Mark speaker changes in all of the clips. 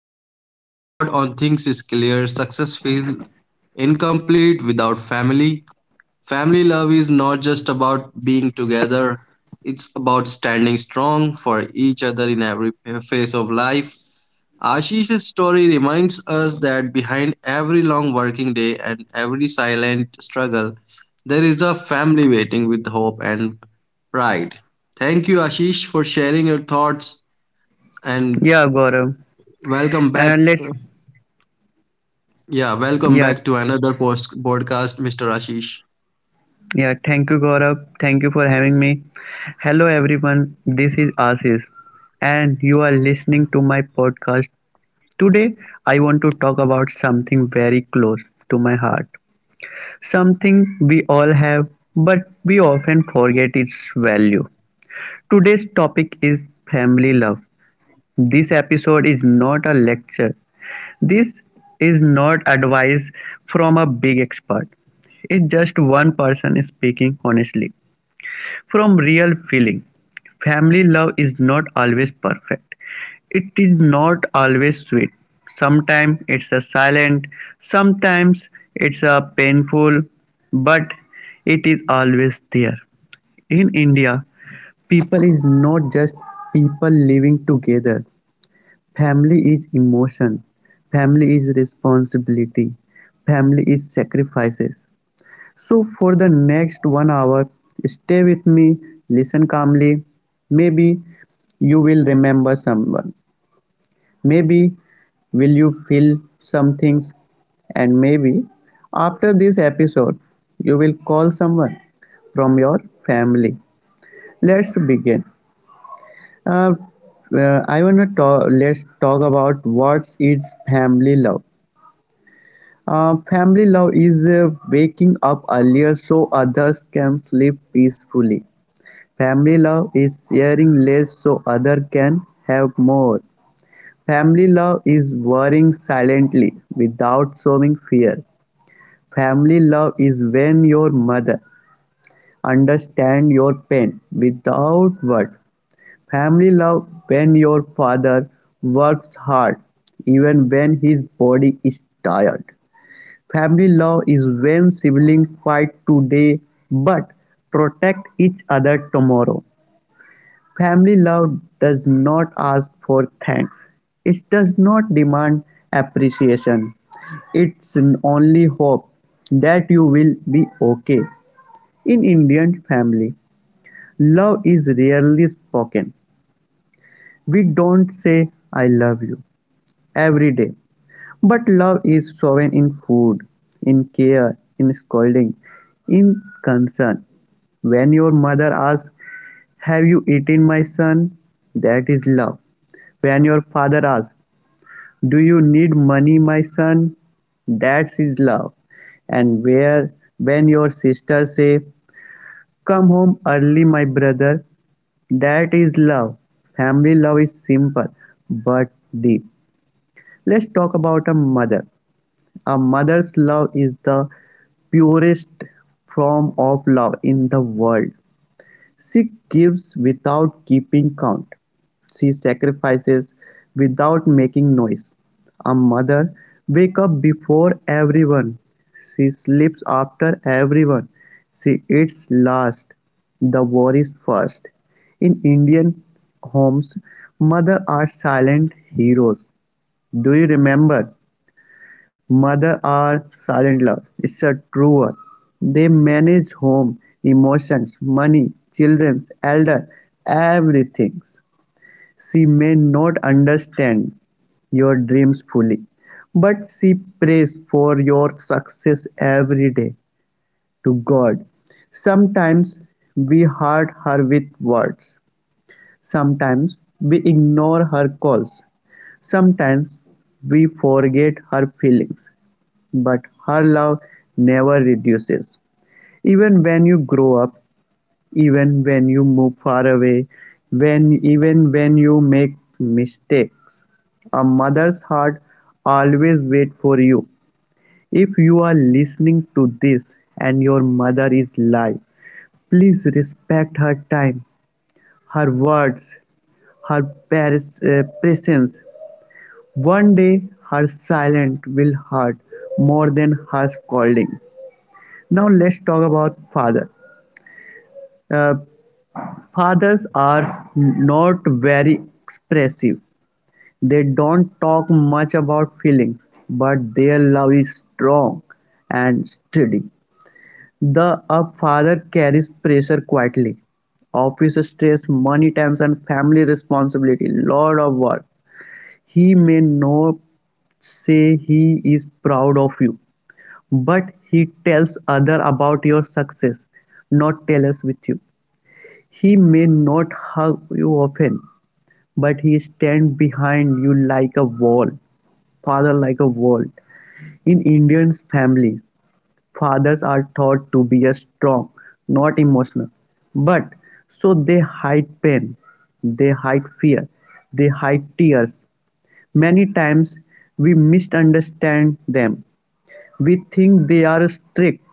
Speaker 1: conclude today's episode on Things is Clear, success feels incomplete without family. Family love is not just about being together, it's about standing strong for each other in every phase of life. Ashish's story reminds us that behind every long working day and every silent struggle, there is a family waiting with hope and right. Thank you, Ashish, for sharing your thoughts and
Speaker 2: Yeah, Gaurav.
Speaker 1: welcome back.
Speaker 2: And
Speaker 1: Yeah, welcome
Speaker 2: yeah,
Speaker 1: back to another podcast, Mr. Ashish.
Speaker 2: yeah, thank you, Gaurav. Thank you for having me. Hello, everyone. This is Ashish, and you are listening to my podcast. Today, I want to talk about something very close to my heart, something we all have, but we often forget its value. Today's topic is family love. This episode is not a lecture. This is not advice from a big expert. It's just one person speaking honestly from real feeling. Family love is not always perfect. It is not always sweet. Sometimes it's a silent, sometimes it's a painful, but it is always there. In India, people is not just people living together. Family is emotion, family is responsibility, family is sacrifices. So, for the next 1 hour, stay with me, listen calmly. Maybe you will remember someone, maybe will you feel some things, and maybe after this episode, you will call someone from your family. Let's begin. Uh, I want to talk. Let's talk about what is family love. Family love is waking up earlier so others can sleep peacefully. Family love is sharing less so other can have more. Family love is worrying silently without showing fear. Family love is when your mother understand your pain without word. Family love when your father works hard, even when his body is tired. Family love is when siblings fight today but protect each other tomorrow. Family love does not ask for thanks. It does not demand appreciation. It's an only hope that you will be okay. In Indian family, love is rarely spoken. We don't say "I love you" every day, but love is shown in food, in care, in scolding, in concern. When your mother asks, "Have you eaten, my son?" That is love. When your father asks, "Do you need money, my son?" That is love. And where when your sister say, "Come home early, my brother," that is love. Family love is simple but deep. Let's talk about a mother. A mother's love is the purest form of love in the world. She gives without keeping count, she sacrifices without making noise. A mother wakes up before everyone, she sleeps after everyone, she eats last, the worries first. In Indian homes, mothers are silent heroes. Do you remember mothers are silent love? It's a truer; they manage home, emotions, money, children, elder, everything. She may not understand your dreams fully, but she prays for your success every day to God. Sometimes we hurt her with words. Sometimes we ignore her calls, sometimes we forget her feelings, but her love never reduces. Even when you grow up, even when you move far away, when even when you make mistakes, a mother's heart always waits for you. If you are listening to this and your mother is alive, please respect her time, her words, her presence. One day, her silence will hurt more than her scolding. Now let's talk about father. Uh, Fathers are not very expressive. They don't talk much about feelings, but their love is strong and steady. The a father carries pressure quietly. Office stress, money tension, family responsibility, lot of work. He may not say he is proud of you, but he tells others about your success, not jealous with you. He may not hug you often, but he stands behind you like a wall, father like a wall. In Indian families, fathers are taught to be a strong, not emotional. But so they hide pain, they hide fear, they hide tears. Many times we misunderstand them, we think they are strict,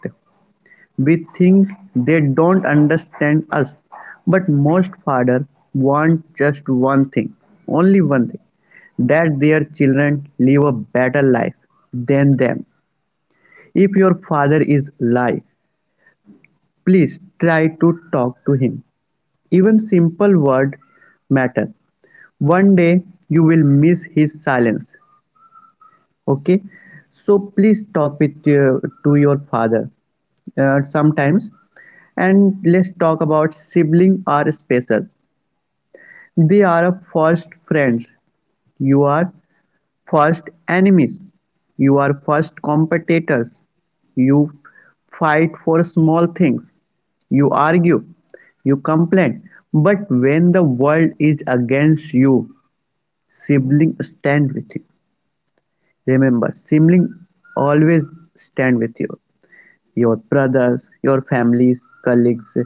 Speaker 2: we think they don't understand us, but most fathers want just one thing, only one thing, that their children live a better life than them. If your father is alive, please try to talk to him. Even simple words matter. One day you will miss his silence. Okay, so please talk with to your father sometimes. And let's talk about siblings are special. They are a first friends, you are first enemies, you are first competitors. You fight for small things, you argue, you complain, but when the world is against you, siblings stand with you. Remember, siblings always stand with you, your brothers, your families, colleagues.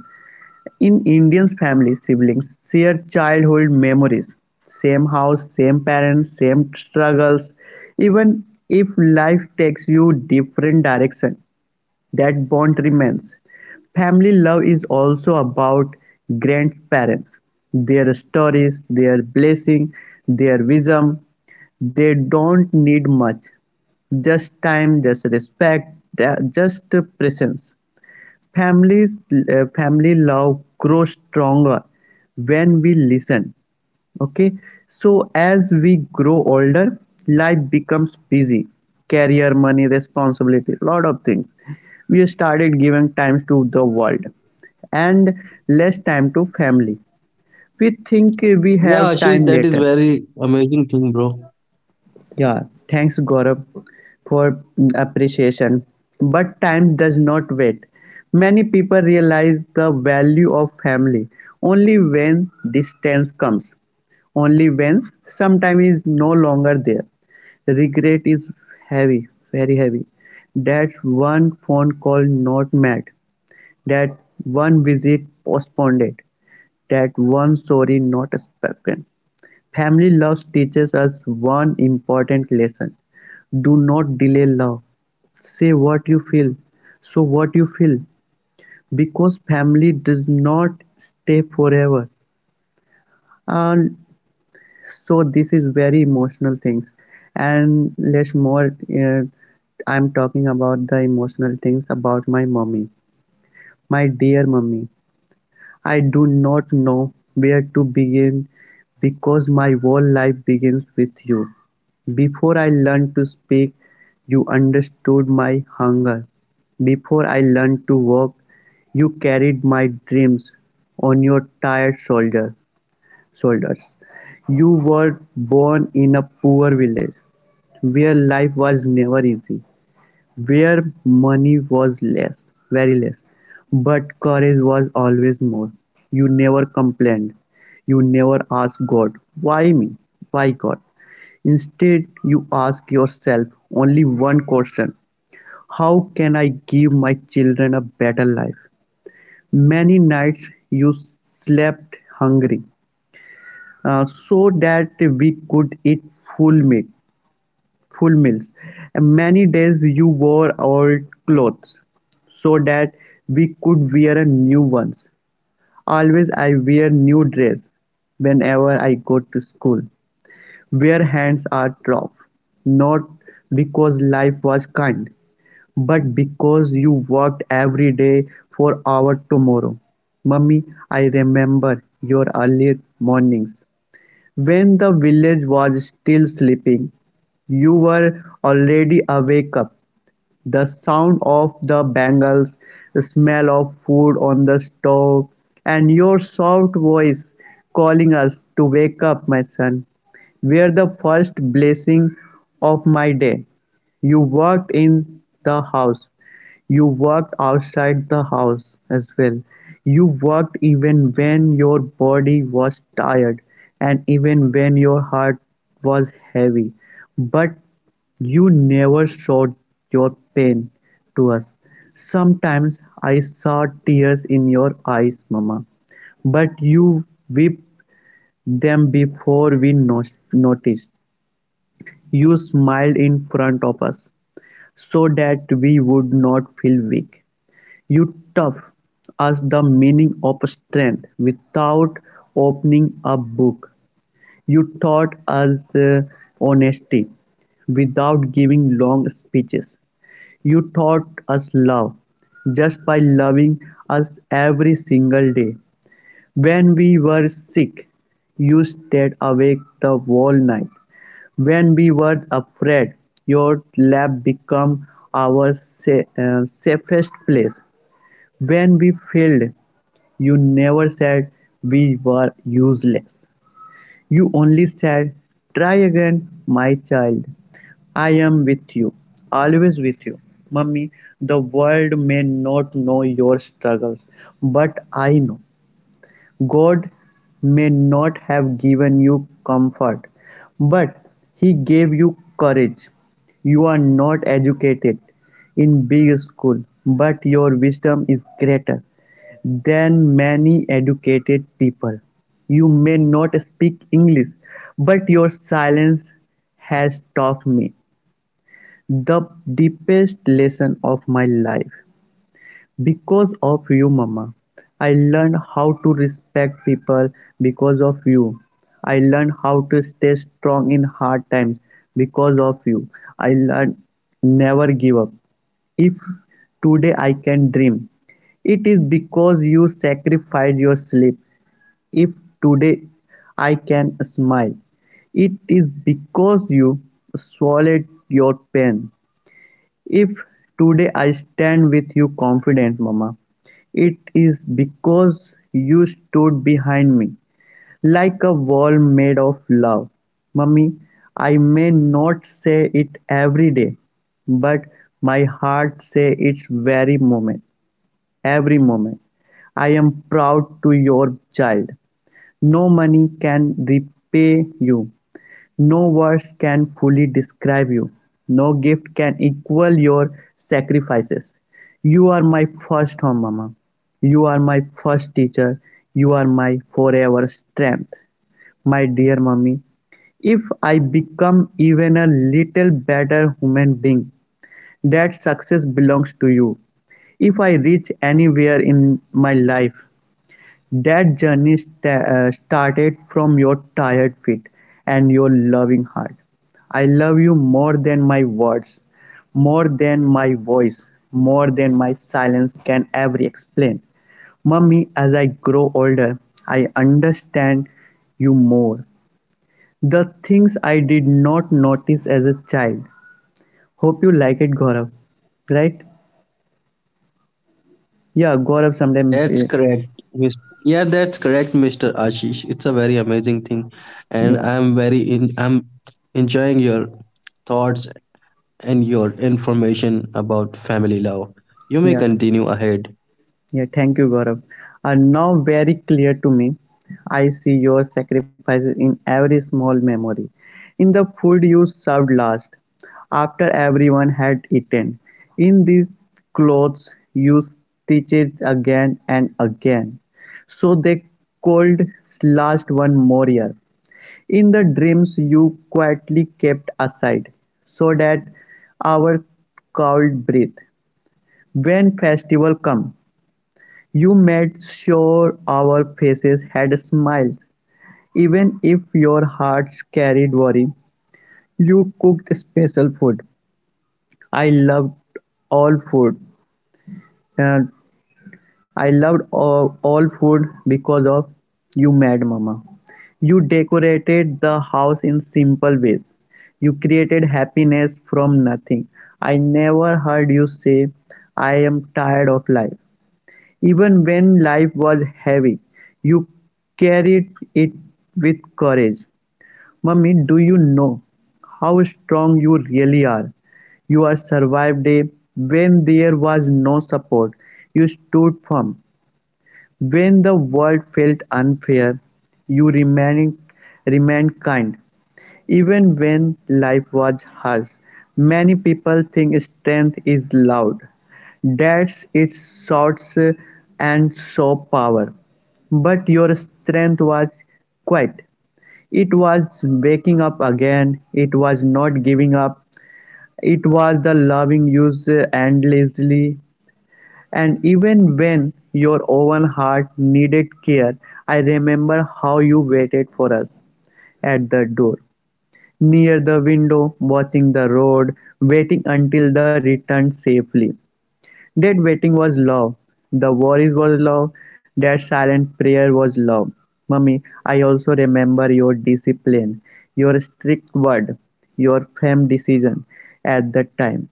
Speaker 2: In Indian families, siblings share childhood memories. Same house, same parents, same struggles. Even if life takes you different direction, that bond remains. Family love is also about grandparents, their stories, their blessing, their wisdom. They don't need much, just time, just respect, just presence. Families Family love grows stronger when we listen. Okay, so as we grow older, life becomes busy. Career, money, responsibility, lot of things. We started giving time to the world and less time to family.
Speaker 1: Yeah,
Speaker 2: We
Speaker 1: Ashish, that
Speaker 2: think
Speaker 1: is
Speaker 2: we
Speaker 1: very
Speaker 2: have time
Speaker 1: amazing thing,
Speaker 2: later.
Speaker 1: bro.
Speaker 2: Yeah, thanks Gaurav for appreciation. But time does not wait. Many people realize the value of family only when distance comes, only when sometime is no longer there. Regret is heavy, very heavy. That one phone call not met, that one visit postponed, that one sorry not spoken. Family love teaches us one important lesson: do not delay love. Say what you feel, so what you feel, because family does not stay forever. And so this is very emotional things, and let's more. Uh, I'm talking about the emotional things about my mommy, my dear mommy. I do not know where to begin because my whole life begins with you. Before I learned to speak, you understood my hunger. Before I learned to walk, you carried my dreams on your tired shoulder, shoulders. You were born in a poor village where life was never easy. Where money was less, very less, but courage was always more. You never complained. You never asked God, "Why me? Why, God?" Instead, you ask yourself only one question: how can I give my children a better life? Many nights you slept hungry so that we could eat full meat full meals. Many days you wore old clothes so that we could wear a new ones. Always I wear new dress whenever I go to school. Where hands are tough, not because life was kind, but because you worked every day for our tomorrow. Mummy, I remember your early mornings when the village was still sleeping, you were already awake-up: the sound of the bangles, the smell of food on the stove, and your soft voice calling us to "wake up, my son," were the first blessing of my day. You worked in the house, you worked outside the house as well, you worked even when your body was tired and even when your heart was heavy, but you never showed your pain to us. Sometimes I saw tears in your eyes, Mama, but you wept them before we noticed. You smiled in front of us so that we would not feel weak. You taught us the meaning of strength without opening a book. You taught us honesty without giving long speeches. You taught us love just by loving us every single day. When we were sick, you stayed awake the whole night. When we were afraid, your lap became our safest place. When we failed, you never said we were useless. You only said, "Try again, my child. I am with you, always with you." Mummy, the world may not know your struggles, but I know. God may not have given you comfort, but He gave you courage. You are not educated in big school, but your wisdom is greater than many educated people. You may not speak English, but your silence has taught me the deepest lesson of my life. Because of you, mama, I learned how to respect people. Because of you, I learned how to stay strong in hard times. Because of you, I learned never give up. If today I can dream, it is because you sacrificed your sleep. If today I can smile, it is because you swallowed your pain. If today I stand with you confident, mama, it is because you stood behind me like a wall made of love. Mummy, I may not say it every day, but my heart says it very moment, every moment. I am proud to your child. No money can repay you. No words can fully describe you, no gift can equal your sacrifices. You are my first home, Mama. You are my first teacher. You are my forever strength. My dear mommy, if I become even a little better human being, that success belongs to you. If I reach anywhere in my life, that journey started from your tired feet and your loving heart. I love you more than my words, more than my voice, more than my silence can ever explain. Mummy, as I grow older, I understand you more. The things I did not notice as a child. Hope you like it, Gaurav. Right?
Speaker 1: That's
Speaker 2: Yeah,
Speaker 1: correct.
Speaker 2: Gaurav
Speaker 1: Mis-
Speaker 2: sometime.
Speaker 1: Yeah, that's correct, Mr. Ashish. It's a very amazing thing, and I'm very in. I'm
Speaker 2: Yeah,
Speaker 1: enjoying your thoughts and your information about family love. You may continue ahead.
Speaker 2: yeah. Yeah, thank you, Gaurav. Are now very clear to me. I see your sacrifices in every small memory, in the food you served last, after everyone had eaten, in these clothes you stitched again and again, so they could last one more year in the dreams you quietly kept aside so that our cold breath when festival come you made sure our faces had smiles, even if your hearts carried worry. You cooked special food. I loved all food. And I loved all food because of you, Mad Mama. You decorated the house in simple ways. You created happiness from nothing. I never heard you say, I am tired of life. Even when life was heavy, you carried it with courage. Mummy, do you know how strong you really are? You are survived a when there was no support. You stood firm. When the world felt unfair, you remained kind. Even when life was harsh, many people think strength is loud, that its shouts and show power. But your strength was quiet. It was waking up again. It was not giving up. It was the loving you endlessly and even when your own heart needed care, I remember how you waited for us at the door, near the window, watching the road, waiting until the return safely. That waiting was love. The worries was love. That silent prayer was love. Mummy, I also remember your discipline, your strict word, your firm decision at that time.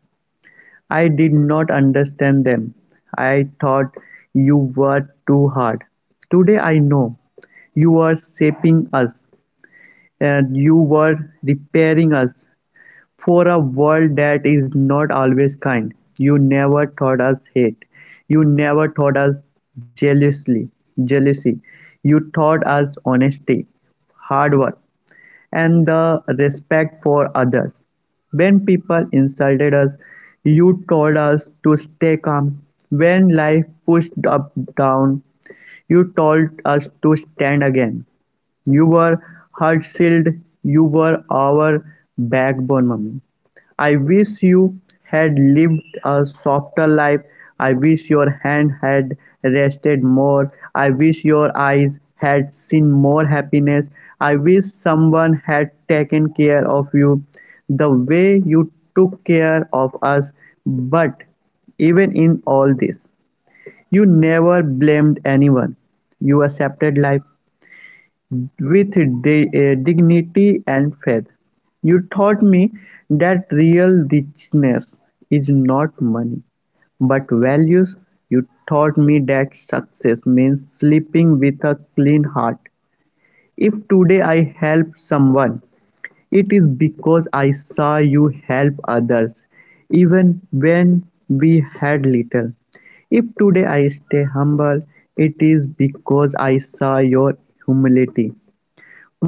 Speaker 2: I did not understand them. I thought you were too hard. Today I know. You were shaping us. And you were repairing us. For a world that is not always kind, you never taught us hate. You never taught us jealously, jealousy. You taught us honesty, hard work, and the respect for others. When people insulted us, you told us to stay calm. When life pushed up down, you told us to stand again. You were her shield, you were our backbone, mummy. I wish you had lived a softer life. I wish your hand had rested more. I wish your eyes had seen more happiness. I wish someone had taken care of you the way you took care of us. But even in all this, you never blamed anyone. You accepted life with dignity and faith, you taught me that real richness is not money, but values. You taught me that success means sleeping with a clean heart. If today I help someone, it is because I saw you help others, even when we had little. If today I stay humble, it is because I saw your humility.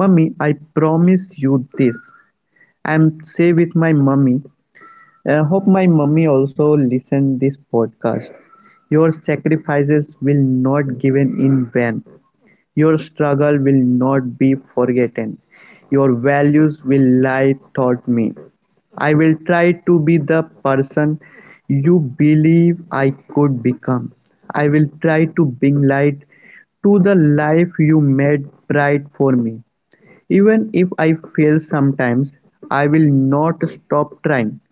Speaker 2: Mummy, I promise you this. I'm say with my mummy. I hope my mummy also listen this podcast. Your sacrifices will not given in vain. Your struggle will not be forgotten. Your values will lie taught me. I will try to be the person you believe I could become. I will try to bring light to the life you made bright for me. Even if I fail sometimes, I will not stop trying,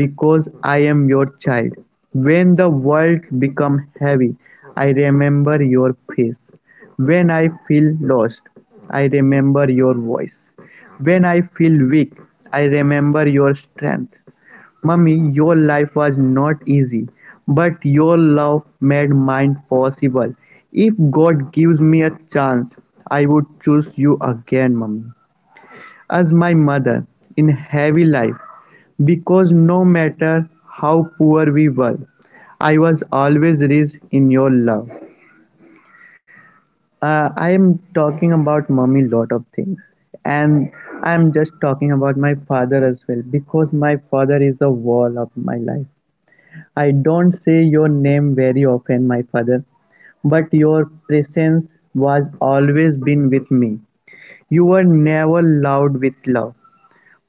Speaker 2: because I am your child. When the world becomes heavy, I remember your face. When I feel lost, I remember your voice. When I feel weak, I remember your strength. Mummy, your life was not easy, but your love made mine possible. If God gives me a chance, I would choose you again, Mummy, as my mother in heavy life because no matter how poor we were, I was always raised in your love. I am talking about mommy lot of things, and I am just talking about my father as well because my father is a wall of my life. I don't say your name very often, my father, but your presence was always been with me. You were never loud with love,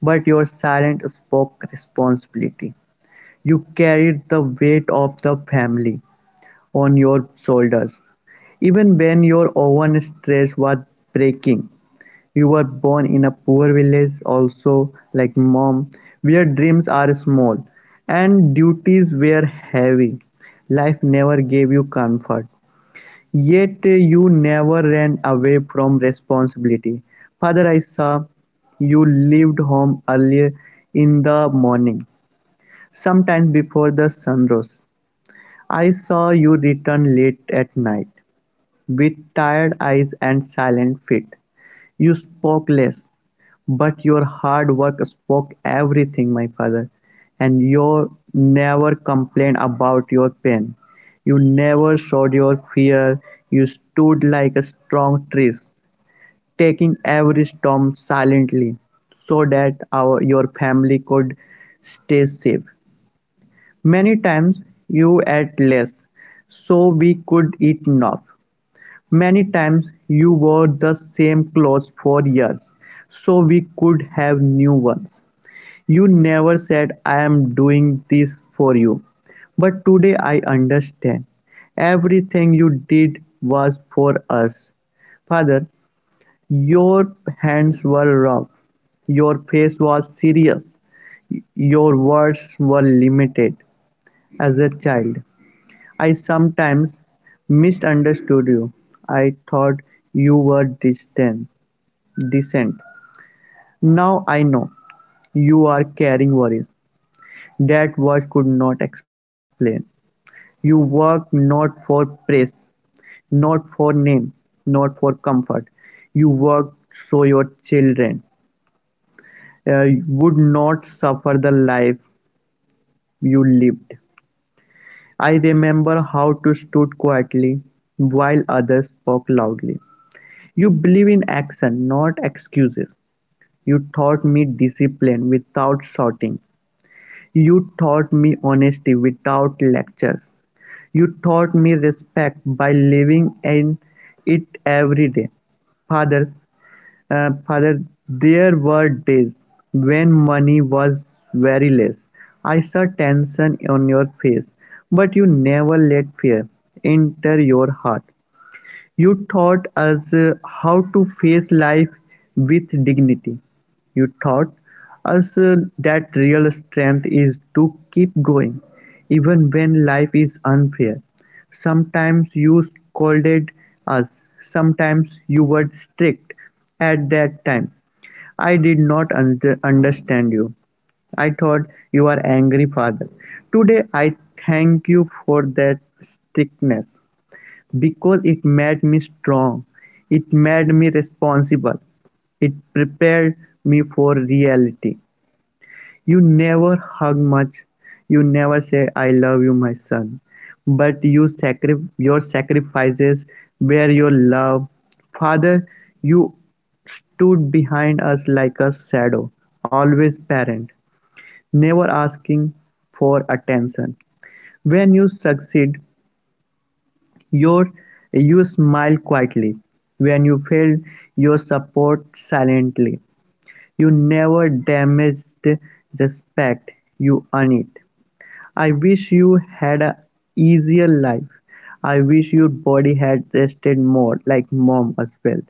Speaker 2: but your silence spoke responsibility. You carried the weight of the family on your shoulders. Even when your own stress was breaking, you were born in a poor village, also like mom, where dreams are small and duties were heavy. Life never gave you comfort, yet you never ran away from responsibility, father I saw you leave home early in the morning, sometimes before the sun rose. I saw you return late at night. With tired eyes and silent feet, you spoke less, but your hard work spoke everything, my father. And you never complained about your pain. You never showed your fear. You stood like a strong tree, taking every storm silently, so that our your family could stay safe. Many times you ate less, so we could eat enough. Many times you wore the same clothes for years, so we could have new ones. You never said, "I'm doing this for you," but today I understand. Everything you did was for us. Father, your hands were rough, your face was serious, your words were limited. As a child, I sometimes misunderstood you. I thought you were distant. Now I know. You are carrying worries that words could not explain. You work not for praise, not for name, not for comfort. You work so your children would not suffer the life you lived. I remember how to stood quietly while others spoke loudly. You believe in action, not excuses. You taught me discipline without shouting. You taught me honesty without lectures. You taught me respect by living in it every day. Fathers, Father, there were days when money was very less. I saw tension on your face, but you never let fear enter your heart. You taught us how to face life with dignity. You taught us that real strength is to keep going, even when life is unfair. Sometimes you scolded us, sometimes you were strict. At that time, I did not understand you. I thought you were angry father. Today I thank you for that strictness. Because it made me strong, it made me responsible, it prepared me for reality. You never hug much, you never say, I love you, my son, but you your sacrifices were your love. Father, you stood behind us like a shadow, always parent, never asking for attention. When you succeed, your, you smile quietly when you failed, you support silently, you never damaged respect, you earn it. I wish you had an easier life. I wish your body had rested more, like mom as well.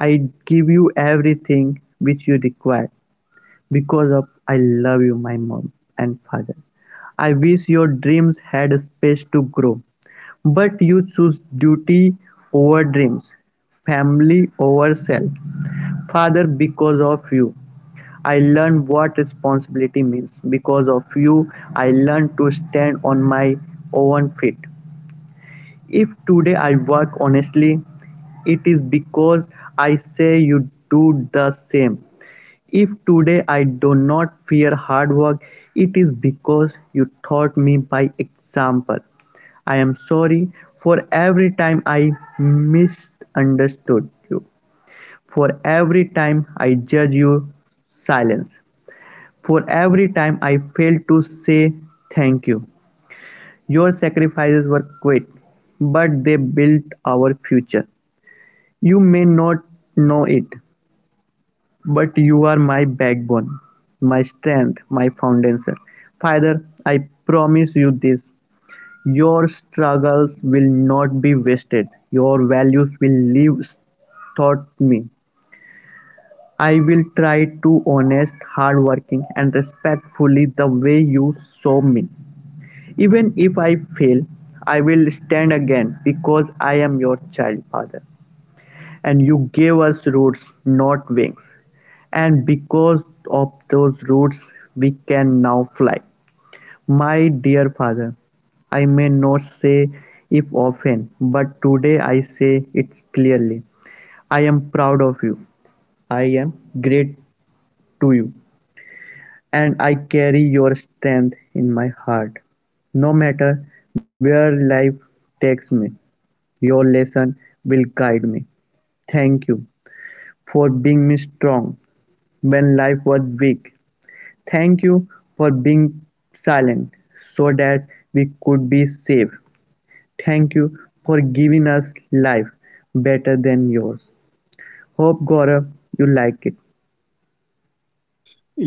Speaker 2: I give you everything which you require. Because of I love you my mom and father. I wish your dreams had space to grow. But you choose duty over dreams, family over self. Father, because of you, I learned what responsibility means. Because of you, I learned to stand on my own feet. If today I work honestly, it is because I say you do the same. If today I do not fear hard work, it is because you taught me by example. I am sorry for every time I misunderstood you, for every time I judged your silence, for every time I failed to say thank you. Your sacrifices were quiet, but they built our future. You may not know it, but you are my backbone, my strength, my foundation. Father, I promise you this your struggles will not be wasted, your values will live taught me. I will try to honest, hardworking, and respectfully the way you saw me. Even if I fail, I will stand again because I am your child, Father. And you gave us roots, not wings. And because of those roots we can now fly. My dear father, I may not say it often, but today I say it clearly. I am proud of you. I am grateful to you. And I carry your strength in my heart. No matter where life takes me, your lesson will guide me. Thank you for being me strong when life was weak. Thank you for being silent so that we could be safe. Thank you for giving us life better than yours. Hope Gaurav you like it.
Speaker 1: Yes, Mr. Ashish,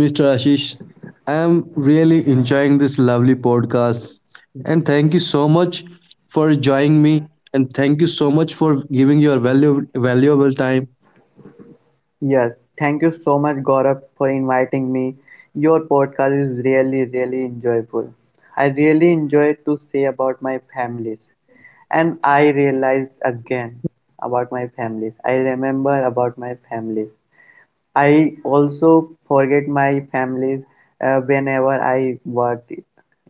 Speaker 1: I am really enjoying this lovely podcast. And thank you so much for joining me. And thank you so much for giving your valuable time.
Speaker 2: Yes, thank you so much Gaurav for inviting me. Your podcast is really enjoyable. I really enjoy to say about my families and I realize again about my families. I remember about my families I also forget my families whenever I work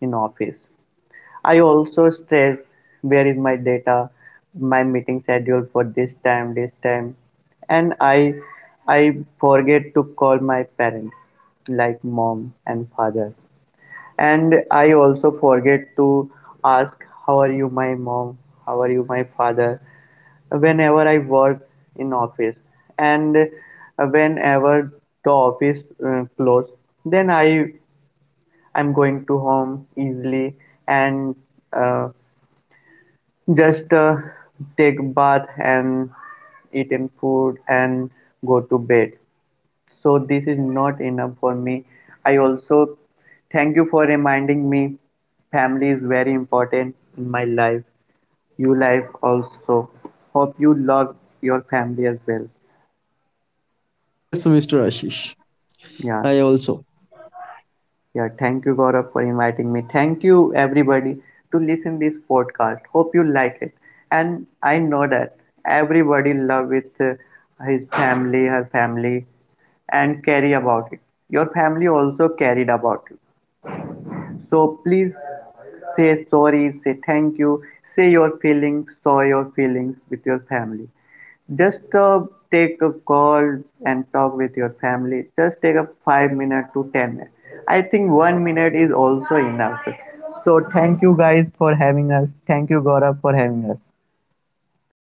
Speaker 2: in office. I also stress where is my data, my meeting schedule for this time, and I forget to call my parents like mom and father. And I also forget to ask how are you my mom, how are you my father, whenever I work in office and whenever the office close then I'm going to home easily and uh, just take bath and eat in food and go to bed so this is not enough for me I also thank you for reminding me family is very important in my life you life also hope you love your family as well
Speaker 1: Yes, Mr. Ashish, I also.
Speaker 2: Yeah, yeah. Thank you, Gaurav, for inviting me. Thank you, everybody, to listen this podcast. Hope you like it. And I know that everybody love with his family, her family, and carry about it. Your family also carried about you. So please say sorry, say thank you, say your feelings, show your feelings with your family. Just take a call and talk with your family. Just take a 5 minute to 10 minutes. I think one minute is also enough. So thank you guys for having us. Thank you Gaurav for having us.
Speaker 1: Thank you so much, Ashish.